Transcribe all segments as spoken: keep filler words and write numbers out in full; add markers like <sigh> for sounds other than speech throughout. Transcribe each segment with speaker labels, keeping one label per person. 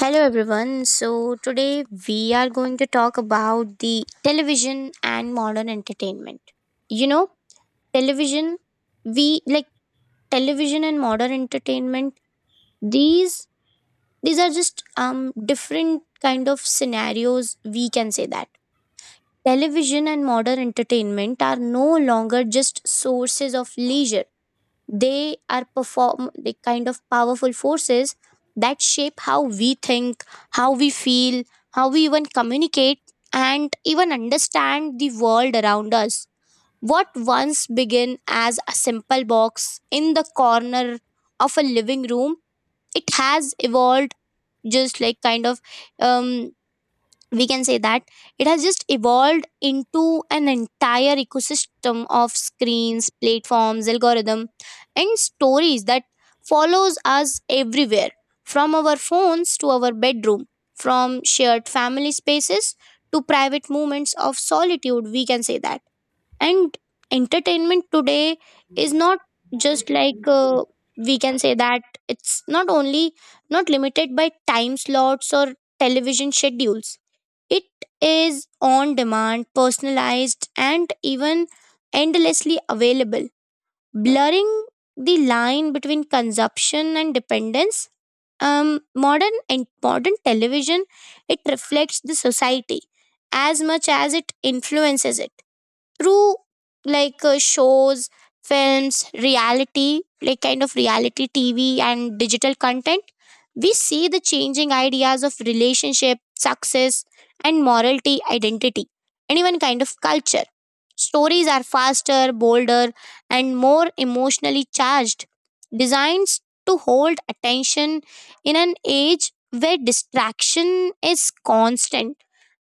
Speaker 1: Hello everyone. So today we are going to talk about the television and modern entertainment. You know, television we like television and modern entertainment, these these are just um different kind of scenarios we can say that. Television and modern entertainment are no longer just sources of leisure. They are perform the kind of powerful forces that shape how we think, how we feel, how we even communicate, and even understand the world around us. What once began as a simple box in the corner of a living room, it has evolved just like kind of um, we can say that it has just evolved into an entire ecosystem of screens, platforms, algorithm, and stories that follows us everywhere, from our phones to our bedroom, from shared family spaces to private moments of solitude we can say that. And entertainment today is not just like uh, we can say that it's not only, not limited by time slots or television schedules. It is on demand, personalized, and even endlessly available, blurring the line between consumption and dependence. Um, modern and modern television, it reflects the society as much as it influences it, through like uh, shows, films, reality, like kind of reality TV, and digital content. We see the changing ideas of relationship, success, and morality, identity, and even kind of culture. Stories are faster, bolder, and more emotionally charged, designs to hold attention in an age where distraction is constant.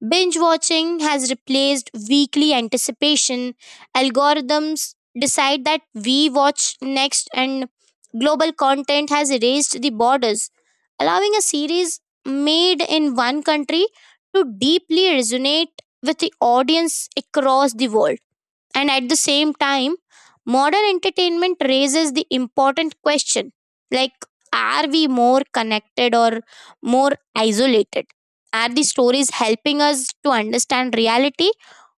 Speaker 1: Binge watching has replaced weekly anticipation. Algorithms decide that we watch next, and global content has erased the borders, allowing a series made in one country to deeply resonate with the audience across the world. And at the same time, modern entertainment raises the important question like, are we more connected or more isolated? Are the stories helping us to understand reality,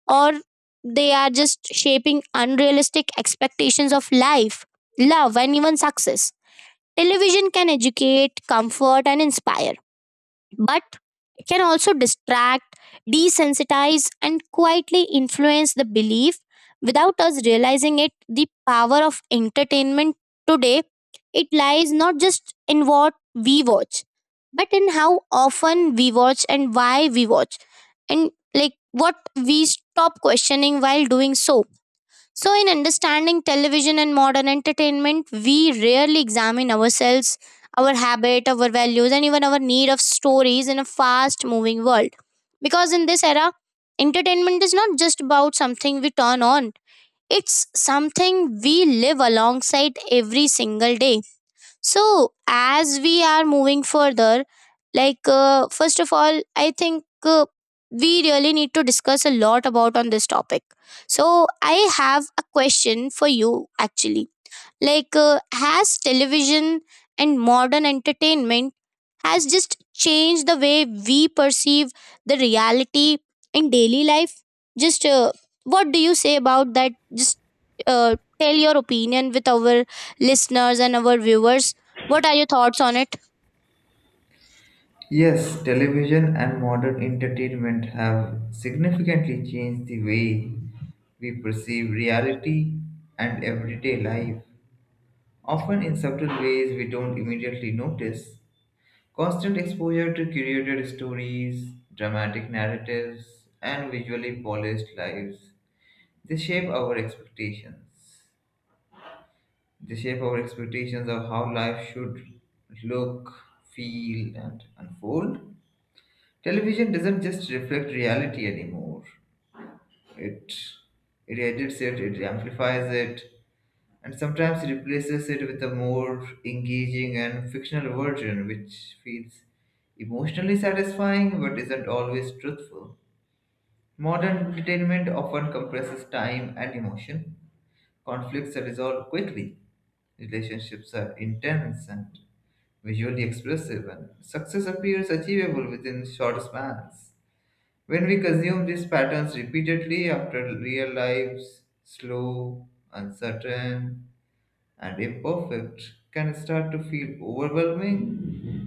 Speaker 1: or they are just shaping unrealistic expectations of life, love, and even success? Television can educate, comfort, and inspire, but it can also distract, desensitize, and quietly influence the belief without us realizing it. The power of entertainment today, it lies not just in what we watch, but in how often we watch and why we watch, and like what we stop questioning while doing so. So, in understanding television and modern entertainment, we rarely examine ourselves, our habit, our values, and even our need of stories in a fast moving world. Because in this era, entertainment is not just about something we turn on, it's something we live alongside every single day. So, as we are moving further, like uh, first of all, I think uh, we really need to discuss a lot about on this topic. So, I have a question for you actually. Like, uh, has television and modern entertainment has just changed the way we perceive the reality in daily life. Just uh, what do you say about that? Just uh, tell your opinion with our listeners and our viewers. What are your thoughts on it?
Speaker 2: Yes, television and modern entertainment have significantly changed the way we perceive reality and everyday life, often in subtle ways we don't immediately notice. Constant exposure to curated stories, dramatic narratives, and visually polished lives, they shape our expectations. They shape our expectations of how life should look, feel, and unfold. Television doesn't just reflect reality anymore. It it edits it, it amplifies it, and sometimes it replaces it with a more engaging and fictional version which feels emotionally satisfying but isn't always truthful. Modern entertainment often compresses time and emotion. Conflicts are resolved quickly, relationships are intense and visually expressive, and success appears achievable within short spans. When we consume these patterns repeatedly after real lives, slow, uncertain, and imperfect, can start to feel overwhelming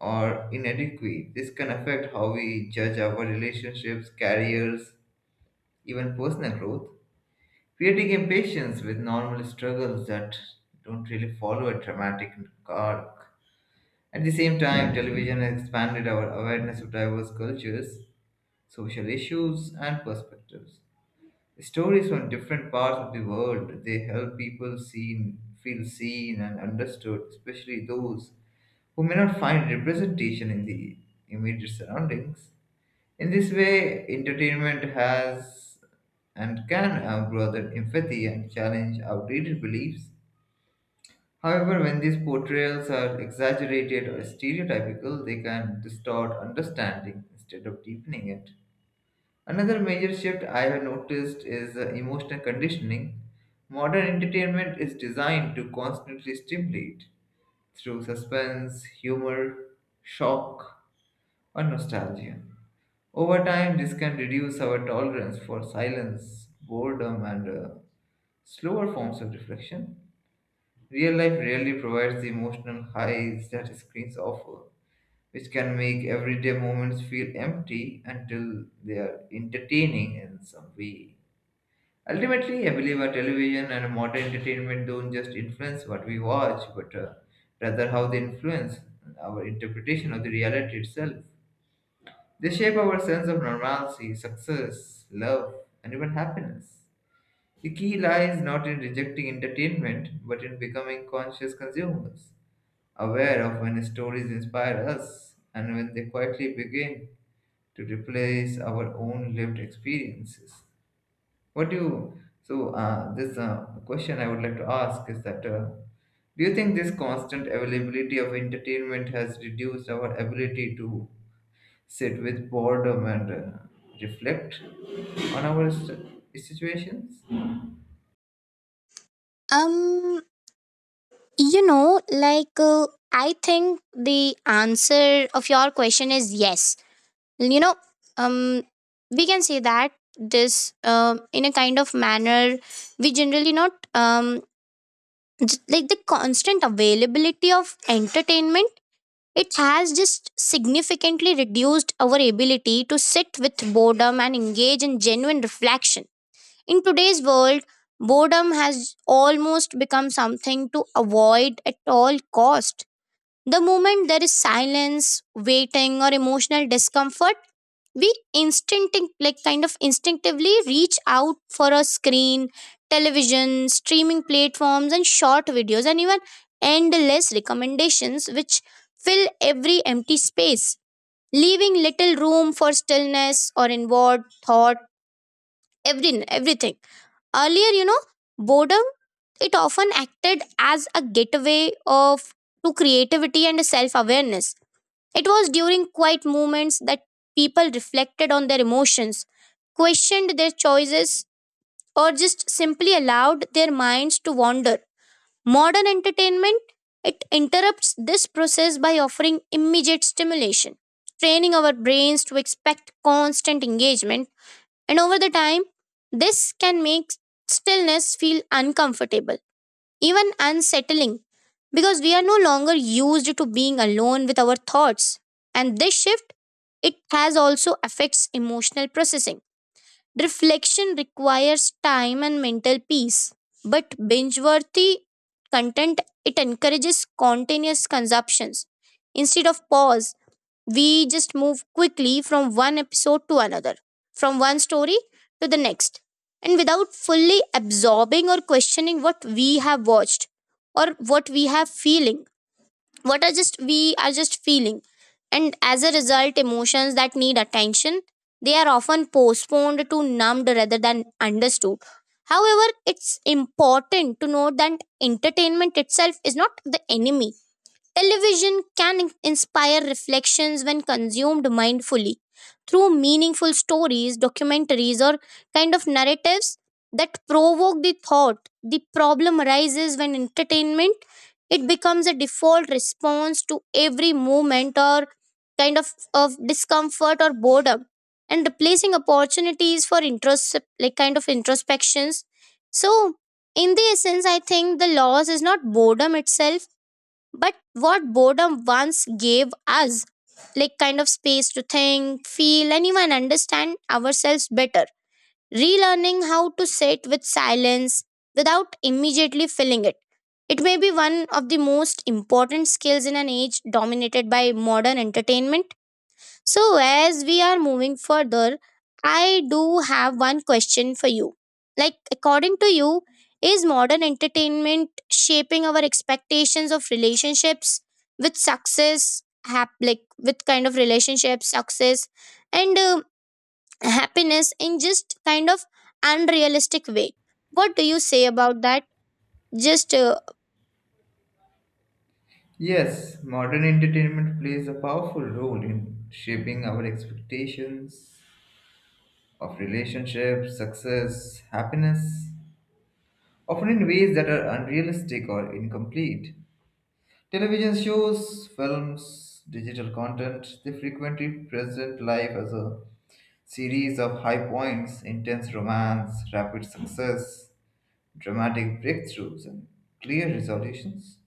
Speaker 2: or inadequate. This can affect how we judge our relationships, careers, even personal growth, creating impatience with normal struggles that don't really follow a dramatic arc. At the same time, television has expanded our awareness of diverse cultures, social issues, and perspectives. Stories from different parts of the world, they help people seen, feel seen and understood, especially those who may not find representation in the immediate surroundings. In this way, entertainment has and can uh, broaden empathy and challenge outdated beliefs. However, when these portrayals are exaggerated or stereotypical, they can distort understanding instead of deepening it. Another major shift I have noticed is uh, emotional conditioning. Modern entertainment is designed to constantly stimulate through suspense, humor, shock, or nostalgia. Over time, this can reduce our tolerance for silence, boredom, and uh, slower forms of reflection. Real life rarely provides the emotional highs that screens offer, which can make everyday moments feel empty until they are entertaining in some way. Ultimately, I believe our television and modern entertainment don't just influence what we watch, but uh, rather how they influence our interpretation of the reality itself. They shape our sense of normalcy, success, love, and even happiness. The key lies not in rejecting entertainment, but in becoming conscious consumers, aware of when stories inspire us and when they quietly begin to replace our own lived experiences. What do you, so uh, this uh, question I would like to ask is that uh, do you think this constant availability of entertainment has reduced our ability to sit with boredom and uh, reflect on our st- situations?
Speaker 1: Um, you know, like uh, I think the answer of your question is yes. You know, um, we can say that this um in a kind of manner we generally not um j- like the constant availability of entertainment, it has just significantly reduced our ability to sit with boredom and engage in genuine reflection. In today's world, boredom has almost become something to avoid at all cost. The moment there is silence, waiting, or emotional discomfort, we instinctive like kind of instinctively reach out for a screen, television, streaming platforms, and short videos, and even endless recommendations which fill every empty space, leaving little room for stillness or inward thought. Every everything earlier, you know, boredom, it often acted as a gateway of to creativity and self awareness. It was during quiet moments that people reflected on their emotions, questioned their choices, or just simply allowed their minds to wander. Modern entertainment, it interrupts this process by offering immediate stimulation, training our brains to expect constant engagement, and over the time this can make stillness feel uncomfortable, even unsettling, because we are no longer used to being alone with our thoughts. And this shift, it has also affects emotional processing. Reflection requires time and mental peace, but binge worthy content, it encourages continuous consumptions. Instead of pause, we just move quickly from one episode to another, from one story to the next, and without fully absorbing or questioning what we have watched, or what we have feeling, what are just we are just feeling and as a result, emotions that need attention, they are often postponed to numbed rather than understood. However, it's important to note that entertainment itself is not the enemy. Television can inspire reflections when consumed mindfully, through meaningful stories, documentaries, or kind of narratives that provoke the thought. The problem arises when entertainment it becomes a default response to every moment or kind of, of discomfort or boredom, and replacing opportunities for intros like kind of introspections. So, in the essence, I think the loss is not boredom itself, but what boredom once gave us, like kind of space to think, feel, and even understand ourselves better. Relearning how to sit with silence without immediately filling it, it may be one of the most important skills in an age dominated by modern entertainment. So, as we are moving further, I do have one question for you. Like, according to you, is modern entertainment shaping our expectations of relationships with success, hap- like with kind of relationships, success, and uh, happiness in just kind of unrealistic way? What do you say about that? Just uh,
Speaker 2: Yes, modern entertainment plays a powerful role in shaping our expectations of relationships, success, happiness, often in ways that are unrealistic or incomplete. Television shows, films, digital content, they frequently present life as a series of high points, intense romance, rapid success, dramatic breakthroughs, and clear resolutions.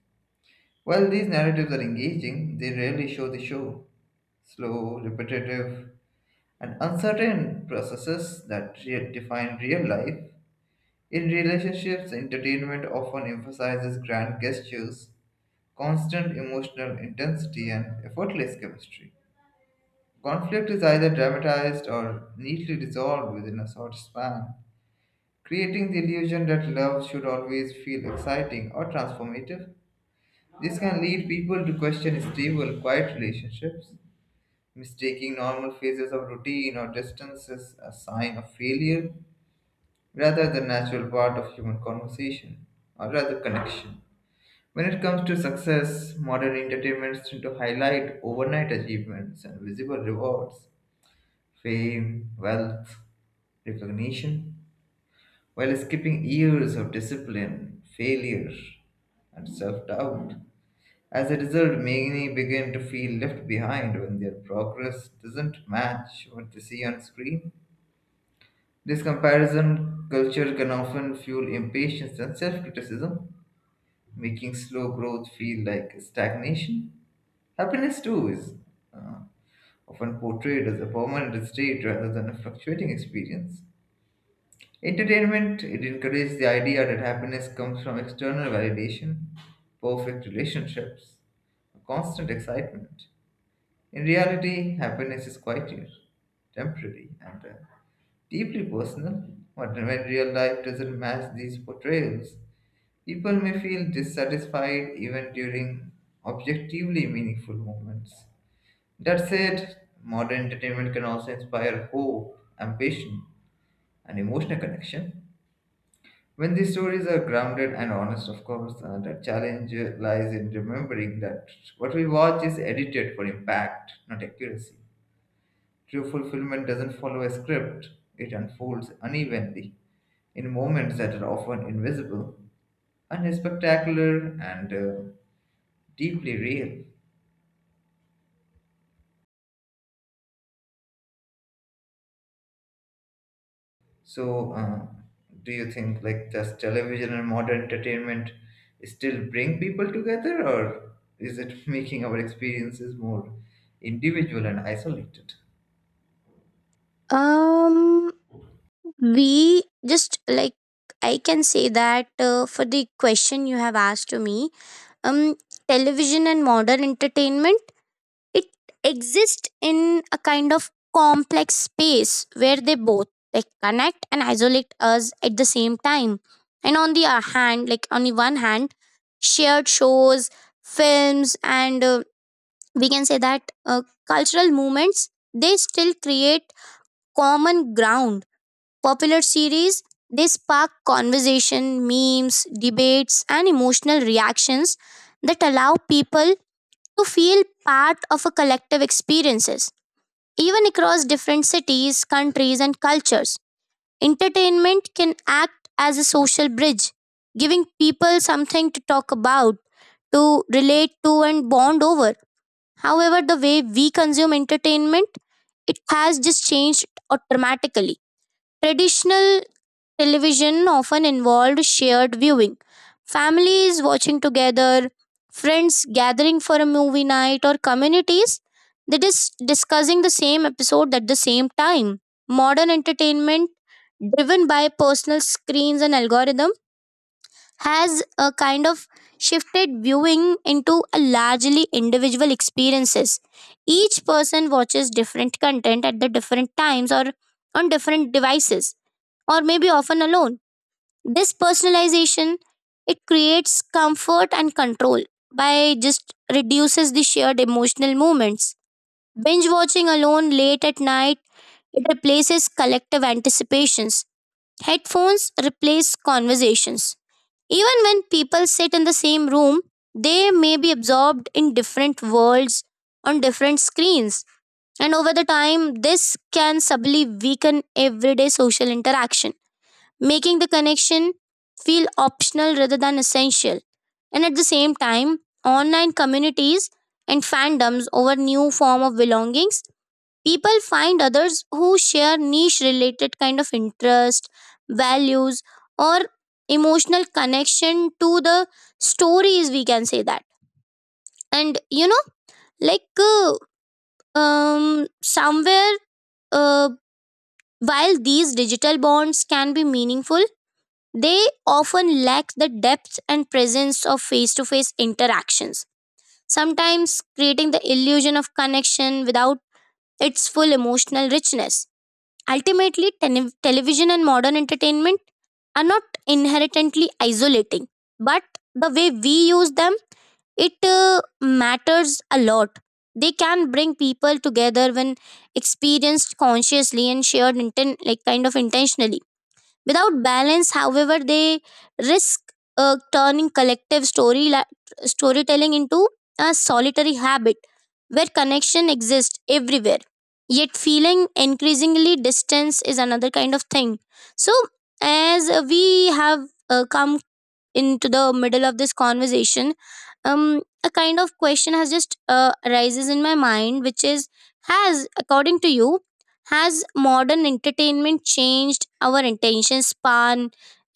Speaker 2: While these narratives are engaging, they rarely show the show. Slow, repetitive, and uncertain processes that re- define real life. In relationships, entertainment often emphasizes grand gestures, constant emotional intensity, and effortless chemistry. Conflict is either dramatized or neatly dissolved within a short span, creating the illusion that love should always feel exciting or transformative. This can lead people to question stable, quiet relationships, mistaking normal phases of routine or distance as a sign of failure rather than natural part of human conversation or rather connection. When it comes to success, modern entertainments tend to highlight overnight achievements and visible rewards, fame, wealth, recognition, while skipping years of discipline, failure, and self doubt. As a result, many begin to feel left behind when their progress doesn't match what they see on screen. This comparison culture can often fuel impatience and self criticism, making slow growth feel like stagnation. Happiness, too, is uh, often portrayed as a permanent state rather than a fluctuating experience. Entertainment, it encourages the idea that happiness comes from external validation, perfect relationships, constant excitement. In reality, happiness is quieter, temporary, and uh, deeply personal. But when real life doesn't match these portrayals, people may feel dissatisfied even during objectively meaningful moments. That said, modern entertainment can also inspire hope, ambition, and emotional connection. When these stories are grounded and honest, of course, uh, the challenge lies in remembering that what we watch is edited for impact, not accuracy. True fulfillment doesn't follow a script, it unfolds unevenly in moments that are often invisible, unspectacular, and uh, deeply real. So, uh, do you think like does television and modern entertainment still bring people together, or is it <laughs> making our experiences more individual and isolated?
Speaker 1: um, we just like I can say that uh, for the question you have asked to me, um, television and modern entertainment, it exists in a kind of complex space where they both like connect and isolate us at the same time. And on the uh, hand, like On the one hand, shared shows, films, and uh, we can say that uh, cultural movements, they still create common ground. Popular series, they spark conversation, memes, debates, and emotional reactions that allow people to feel part of a collective experiences, even across different cities, countries, and cultures. Entertainment can act as a social bridge, giving people something to talk about, to relate to, and bond over. However, the way we consume entertainment, it has just changed uh, dramatically. Traditional television often involved shared viewing, families watching together, friends gathering for a movie night, or communities that is discussing the same episode at the same time. Modern entertainment, driven by personal screens and algorithm, has a kind of shifted viewing into a largely individual experiences. Each person watches different content at the different times or on different devices, or maybe often alone. This personalization, it creates comfort and control by just reduces the shared emotional moments. Binge watching alone late at night, it replaces collective anticipations. Headphones replace conversations. Even when people sit in the same room, they may be absorbed in different worlds on different screens. And over the time, this can subtly weaken everyday social interaction, making the connection feel optional rather than essential. And at the same time, online communities and fandoms over new form of belongings, people find others who share niche related kind of interest, values, or emotional connection to the stories, we can say that. And you know, like uh, um, somewhere, uh, while these digital bonds can be meaningful, they often lack the depth and presence of face to face interactions, sometimes creating the illusion of connection without its full emotional richness. Ultimately, tene- television and modern entertainment are not inherently isolating, but the way we use them, it uh, matters a lot. They can bring people together when experienced consciously and shared inten- like kind of intentionally. Without balance, however, they risk uh, turning collective story la- storytelling into a solitary habit where connection exists everywhere. Yet, feeling increasingly distance is another kind of thing. So, as uh, we have uh, come into the middle of this conversation, um a kind of question has just uh, arises in my mind, which is, has according to you, has modern entertainment changed our attention span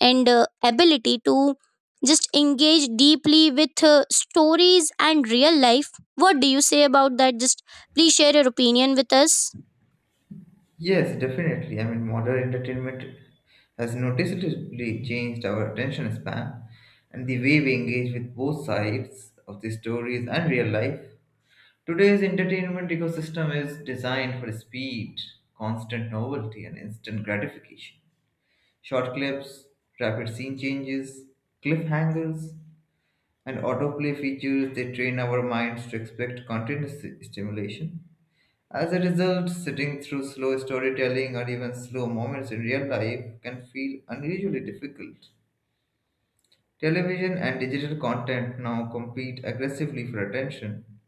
Speaker 1: and uh, ability to just engage deeply with uh, stories and real life? What do you say about that? Just please share your opinion with us.
Speaker 2: Yes, definitely. I mean, modern entertainment has noticeably changed our attention span and the way we engage with both sides of the stories and real life. Today's entertainment ecosystem is designed for speed, constant novelty, and instant gratification. Short clips, rapid scene changes, cliffhangers, and autoplay features they train our minds to expect continuous st- stimulation. As a result, sitting through slow storytelling or even slow moments in real life can feel unusually difficult. Television and digital content now compete aggressively for attention.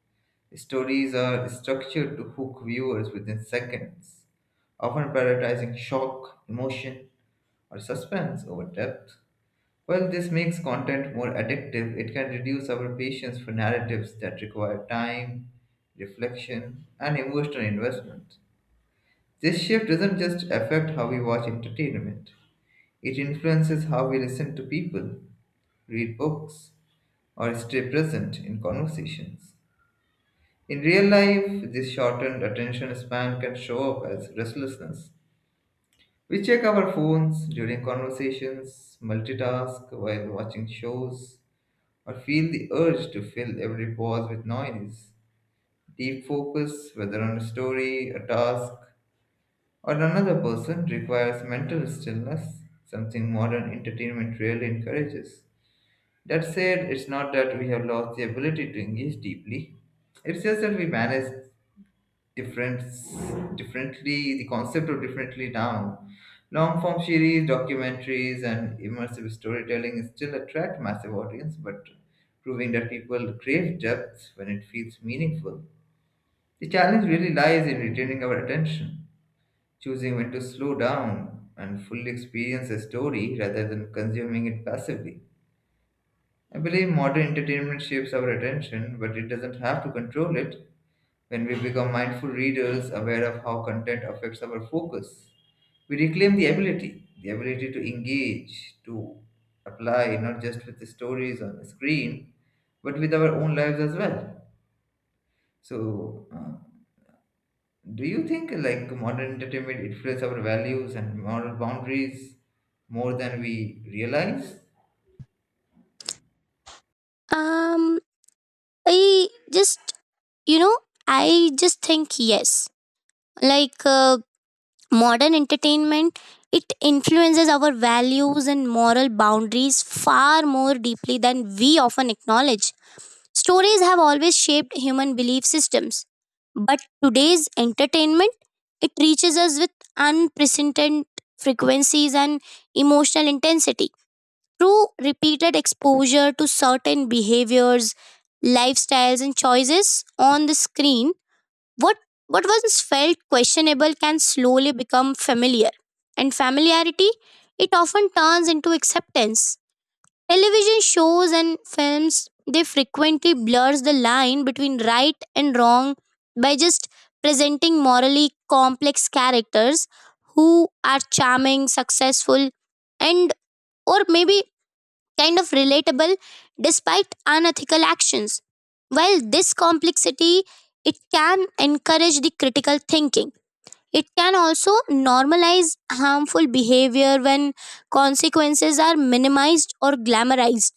Speaker 2: Stories are structured to hook viewers within seconds, often prioritizing shock, emotion, or suspense over depth. While this makes content more addictive, it can reduce our patience for narratives that require time, reflection, and emotional investment. This shift doesn't just affect how we watch entertainment, it influences how we listen to people, read books, or stay present in conversations. In real life, this shortened attention span can show up as restlessness. We check our phones during conversations, multitask while watching shows, or feel the urge to fill every pause with noise. Deep focus, whether on a story, a task, or another person, requires mental stillness, something modern entertainment really encourages. That said, it's not that we have lost the ability to engage deeply. It's just that we manage difference differently. The concept of differently now, long form series, documentaries, and immersive storytelling still attract massive audience, but proving that people crave depth when it feels meaningful. The challenge really lies in retaining our attention, choosing when to slow down and fully experience a story rather than consuming it passively. I believe modern entertainment shapes our attention, but it doesn't have to control it. When we become mindful readers, aware of how content affects our focus, we reclaim the ability, the ability to engage, to apply, not just with the stories on the screen, but with our own lives as well. So, uh, do you think like modern entertainment influences our values and moral boundaries more than we realize?
Speaker 1: Um i just you know i just think yes. like uh, modern entertainment, it influences our values and moral boundaries far more deeply than we often acknowledge. Stories have always shaped human belief systems, but today's entertainment, it reaches us with unprecedented frequencies and emotional intensity. Through repeated exposure to certain behaviors, lifestyles, and choices on the screen, what what once felt questionable can slowly become familiar, and familiarity, it often turns into acceptance. Television shows and films, they frequently blurs the line between right and wrong by just presenting morally complex characters who are charming, successful, and or maybe kind of relatable despite unethical actions. While this complexity it can encourage the critical thinking. It can also normalize harmful behavior when consequences are minimized or glamorized.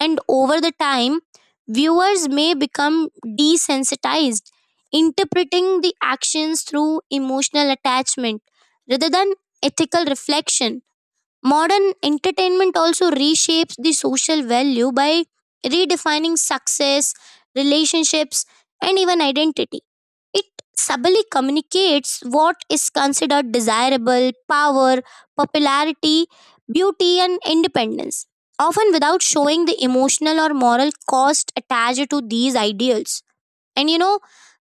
Speaker 1: And over the time, viewers may become desensitized, interpreting the actions through emotional attachment rather than ethical reflection. Modern entertainment also reshapes the social value by redefining success, relationships, and even identity. It Subtly communicates what is considered desirable, power, popularity, beauty, and independence, often without showing the emotional or moral cost attached to these ideals. And you know,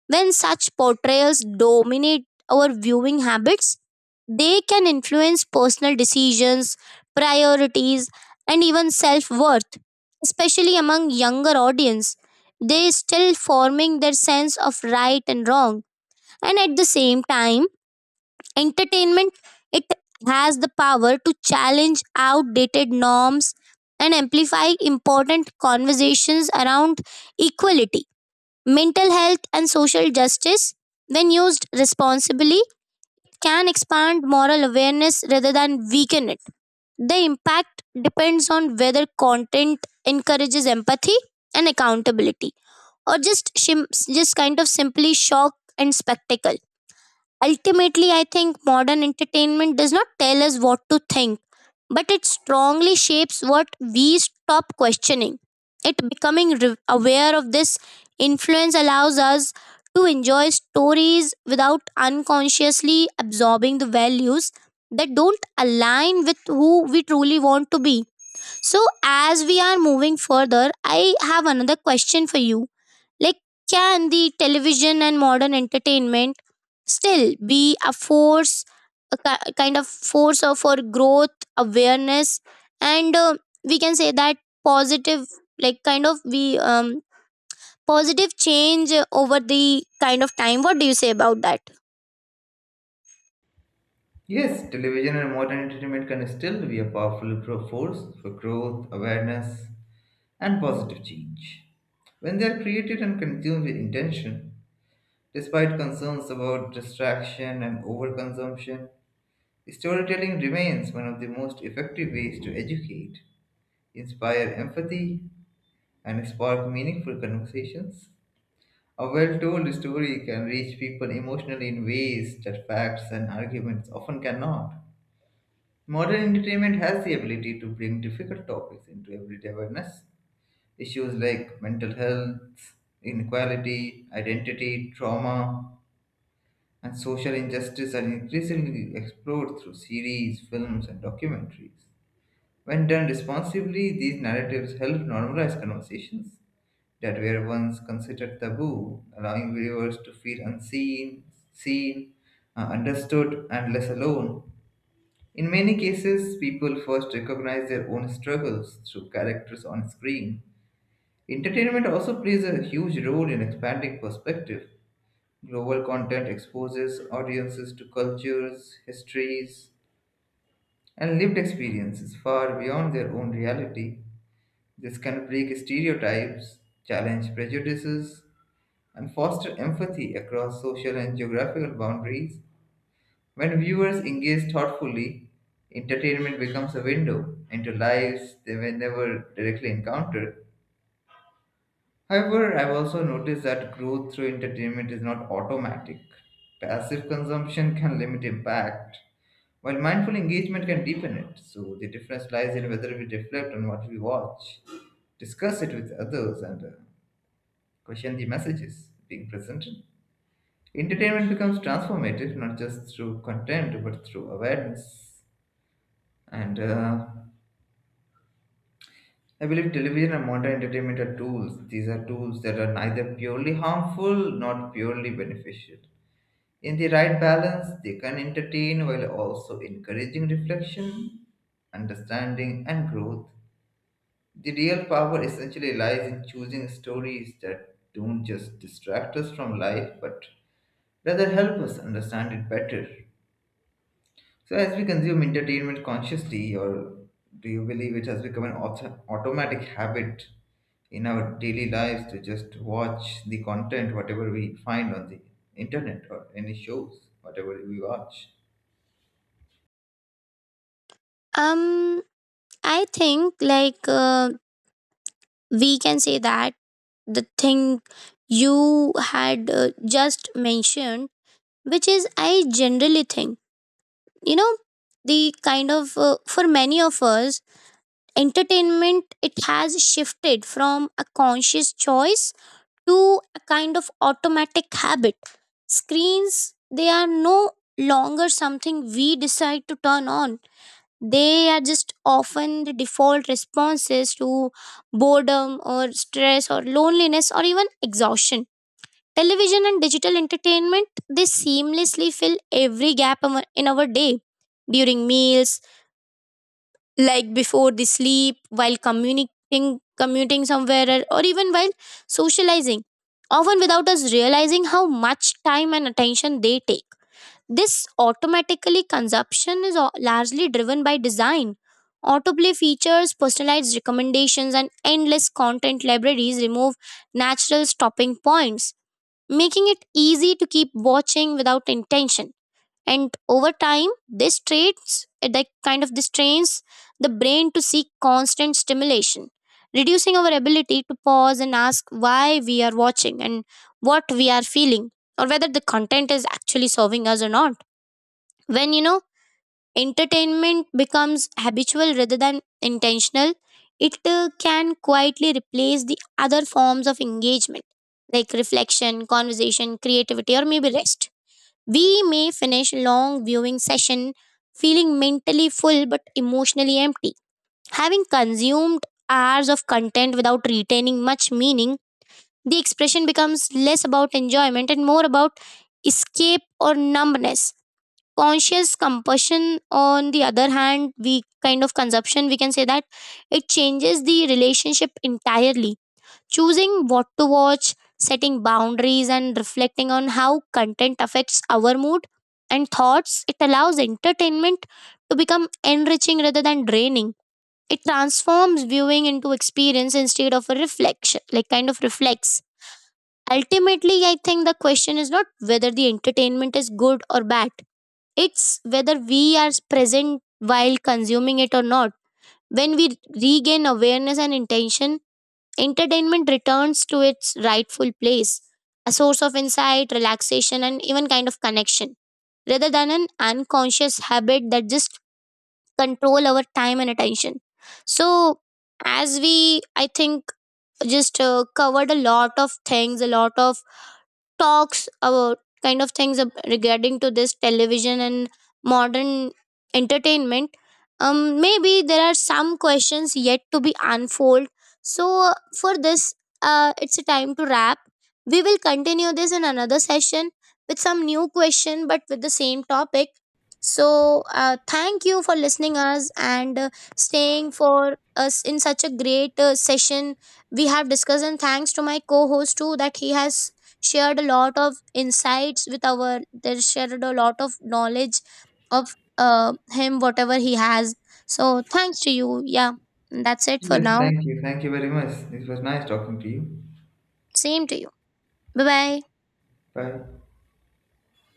Speaker 1: when such portrayals dominate our viewing habits, they can influence personal decisions, priorities, and even self worth, especially among younger audience. They still forming their sense of right and wrong. And at the same time, entertainment it has the power to challenge outdated norms and amplify important conversations around equality, mental health and social justice, when used responsibly, can expand moral awareness rather than weaken it. The impact depends on whether content encourages empathy and accountability or just shim- just kind of simply shock and spectacle. Ultimately, I think modern entertainment does not tell us what to think, but it strongly shapes what we stop questioning. It becoming re- aware of this influence allows us to enjoy stories without unconsciously absorbing the values that don't align with who we truly want to be. So, as we are moving further, I have another question for you, like, can the television and modern entertainment still be a force, a ki- kind of force of for growth, awareness, and uh, we can say that positive, like kind of we um positive change uh, over the kind of time. What do you say about that?
Speaker 2: Yes, television and modern entertainment can still be a powerful pro- force for growth, awareness, and positive change. When they are created and consumed with intention, despite concerns about distraction and overconsumption, storytelling remains one of the most effective ways to educate, inspire empathy, and spark meaningful conversations. A well told story can reach people emotionally in ways that facts and arguments often cannot. Modern entertainment has the ability to bring difficult topics into everyday awareness. Issues like mental health, inequality, identity, trauma, and social injustice are increasingly explored through series, films, and documentaries. When done responsibly, these narratives help normalize conversations that were once considered taboo, allowing viewers to feel unseen, seen, uh, understood, and less alone. In many cases, people first recognize their own struggles through characters on screen. Entertainment also plays a huge role in expanding perspective. Global content exposes audiences to cultures, histories, and lived experiences far beyond their own reality. This can break stereotypes, challenge prejudices, and foster empathy across social and geographical boundaries. When viewers engage thoughtfully, entertainment becomes a window into lives they may never directly encounter. However, I've also noticed that growth through entertainment is not automatic. Passive consumption can limit impact, while mindful engagement can deepen it. So the difference lies in whether we reflect on what we watch, discuss it with others, and uh, question the messages being presented. Entertainment becomes transformative not just through content but through awareness. And uh, I believe television and modern entertainment are tools. These are tools that are neither purely harmful nor purely beneficial. In the right balance, they can entertain while also encouraging reflection, understanding, and growth. The real power essentially lies in choosing stories that don't just distract us from life but rather help us understand it better. So, as we consume entertainment consciously, or do you believe it has become an auto- automatic habit in our daily lives to just watch the content, whatever we find on the internet or any shows, whatever we watch?
Speaker 1: Um, I think like uh, we can say that the thing you had uh, just mentioned, which is I generally think you know the kind of uh, for many of us entertainment it has shifted from a conscious choice to a kind of automatic habit. Screens, they are no longer something we decide to turn on. They are just often the default responses to boredom or stress or loneliness or even exhaustion. Television and digital entertainment, they seamlessly fill every gap among- in our day, during meals, like before the sleep, while communicating, commuting somewhere, or or even while socializing, often without us realizing how much time and attention they take. This automatically consumption is au- largely driven by design. Autoplay features, personalized recommendations, and endless content libraries remove natural stopping points, making it easy to keep watching without intention. And over time, this traits that kind of this trains the brain to seek constant stimulation, reducing our ability to pause and ask why we are watching and what we are feeling, or whether the content is actually serving us or not. When you know entertainment becomes habitual rather than intentional, it uh, can quietly replace the other forms of engagement, like reflection, conversation, creativity, or maybe rest. We may finish long viewing session feeling mentally full but emotionally empty. Having consumed hours of content without retaining much meaning, the expression becomes less about enjoyment and more about escape or numbness. Conscious compulsion, on the other hand, we kind of consumption, we can say that it changes the relationship entirely. Choosing what to watch, setting boundaries, and reflecting on how content affects our mood and thoughts, it allows entertainment to become enriching rather than draining. It transforms viewing into experience instead of a reflection, like kind of reflex. Ultimately, I think the question is not whether the entertainment is good or bad, it's whether we are present while consuming it or not. When we regain awareness and intention, entertainment returns to its rightful place, a source of insight, relaxation, and even kind of connection, rather than an unconscious habit that just control our time and attention. So, as we, I think, just uh, covered a lot of things, a lot of talks about kind of things ab- regarding to this television and modern entertainment. um Maybe there are some questions yet to be unfold. So for this, uh it's a time to wrap. We will continue this in another session with some new question but with the same topic. So uh, thank you for listening us and uh, staying for us in such a great uh, session we have discussed. And thanks to my co-host too, that he has shared a lot of insights with our, they shared a lot of knowledge of uh, him whatever he has. So thanks to you. Yeah, that's it for
Speaker 2: Yes,
Speaker 1: now.
Speaker 2: thank you. Thank you very much. It was nice talking to you.
Speaker 1: Same to you. Bye bye.
Speaker 2: Bye.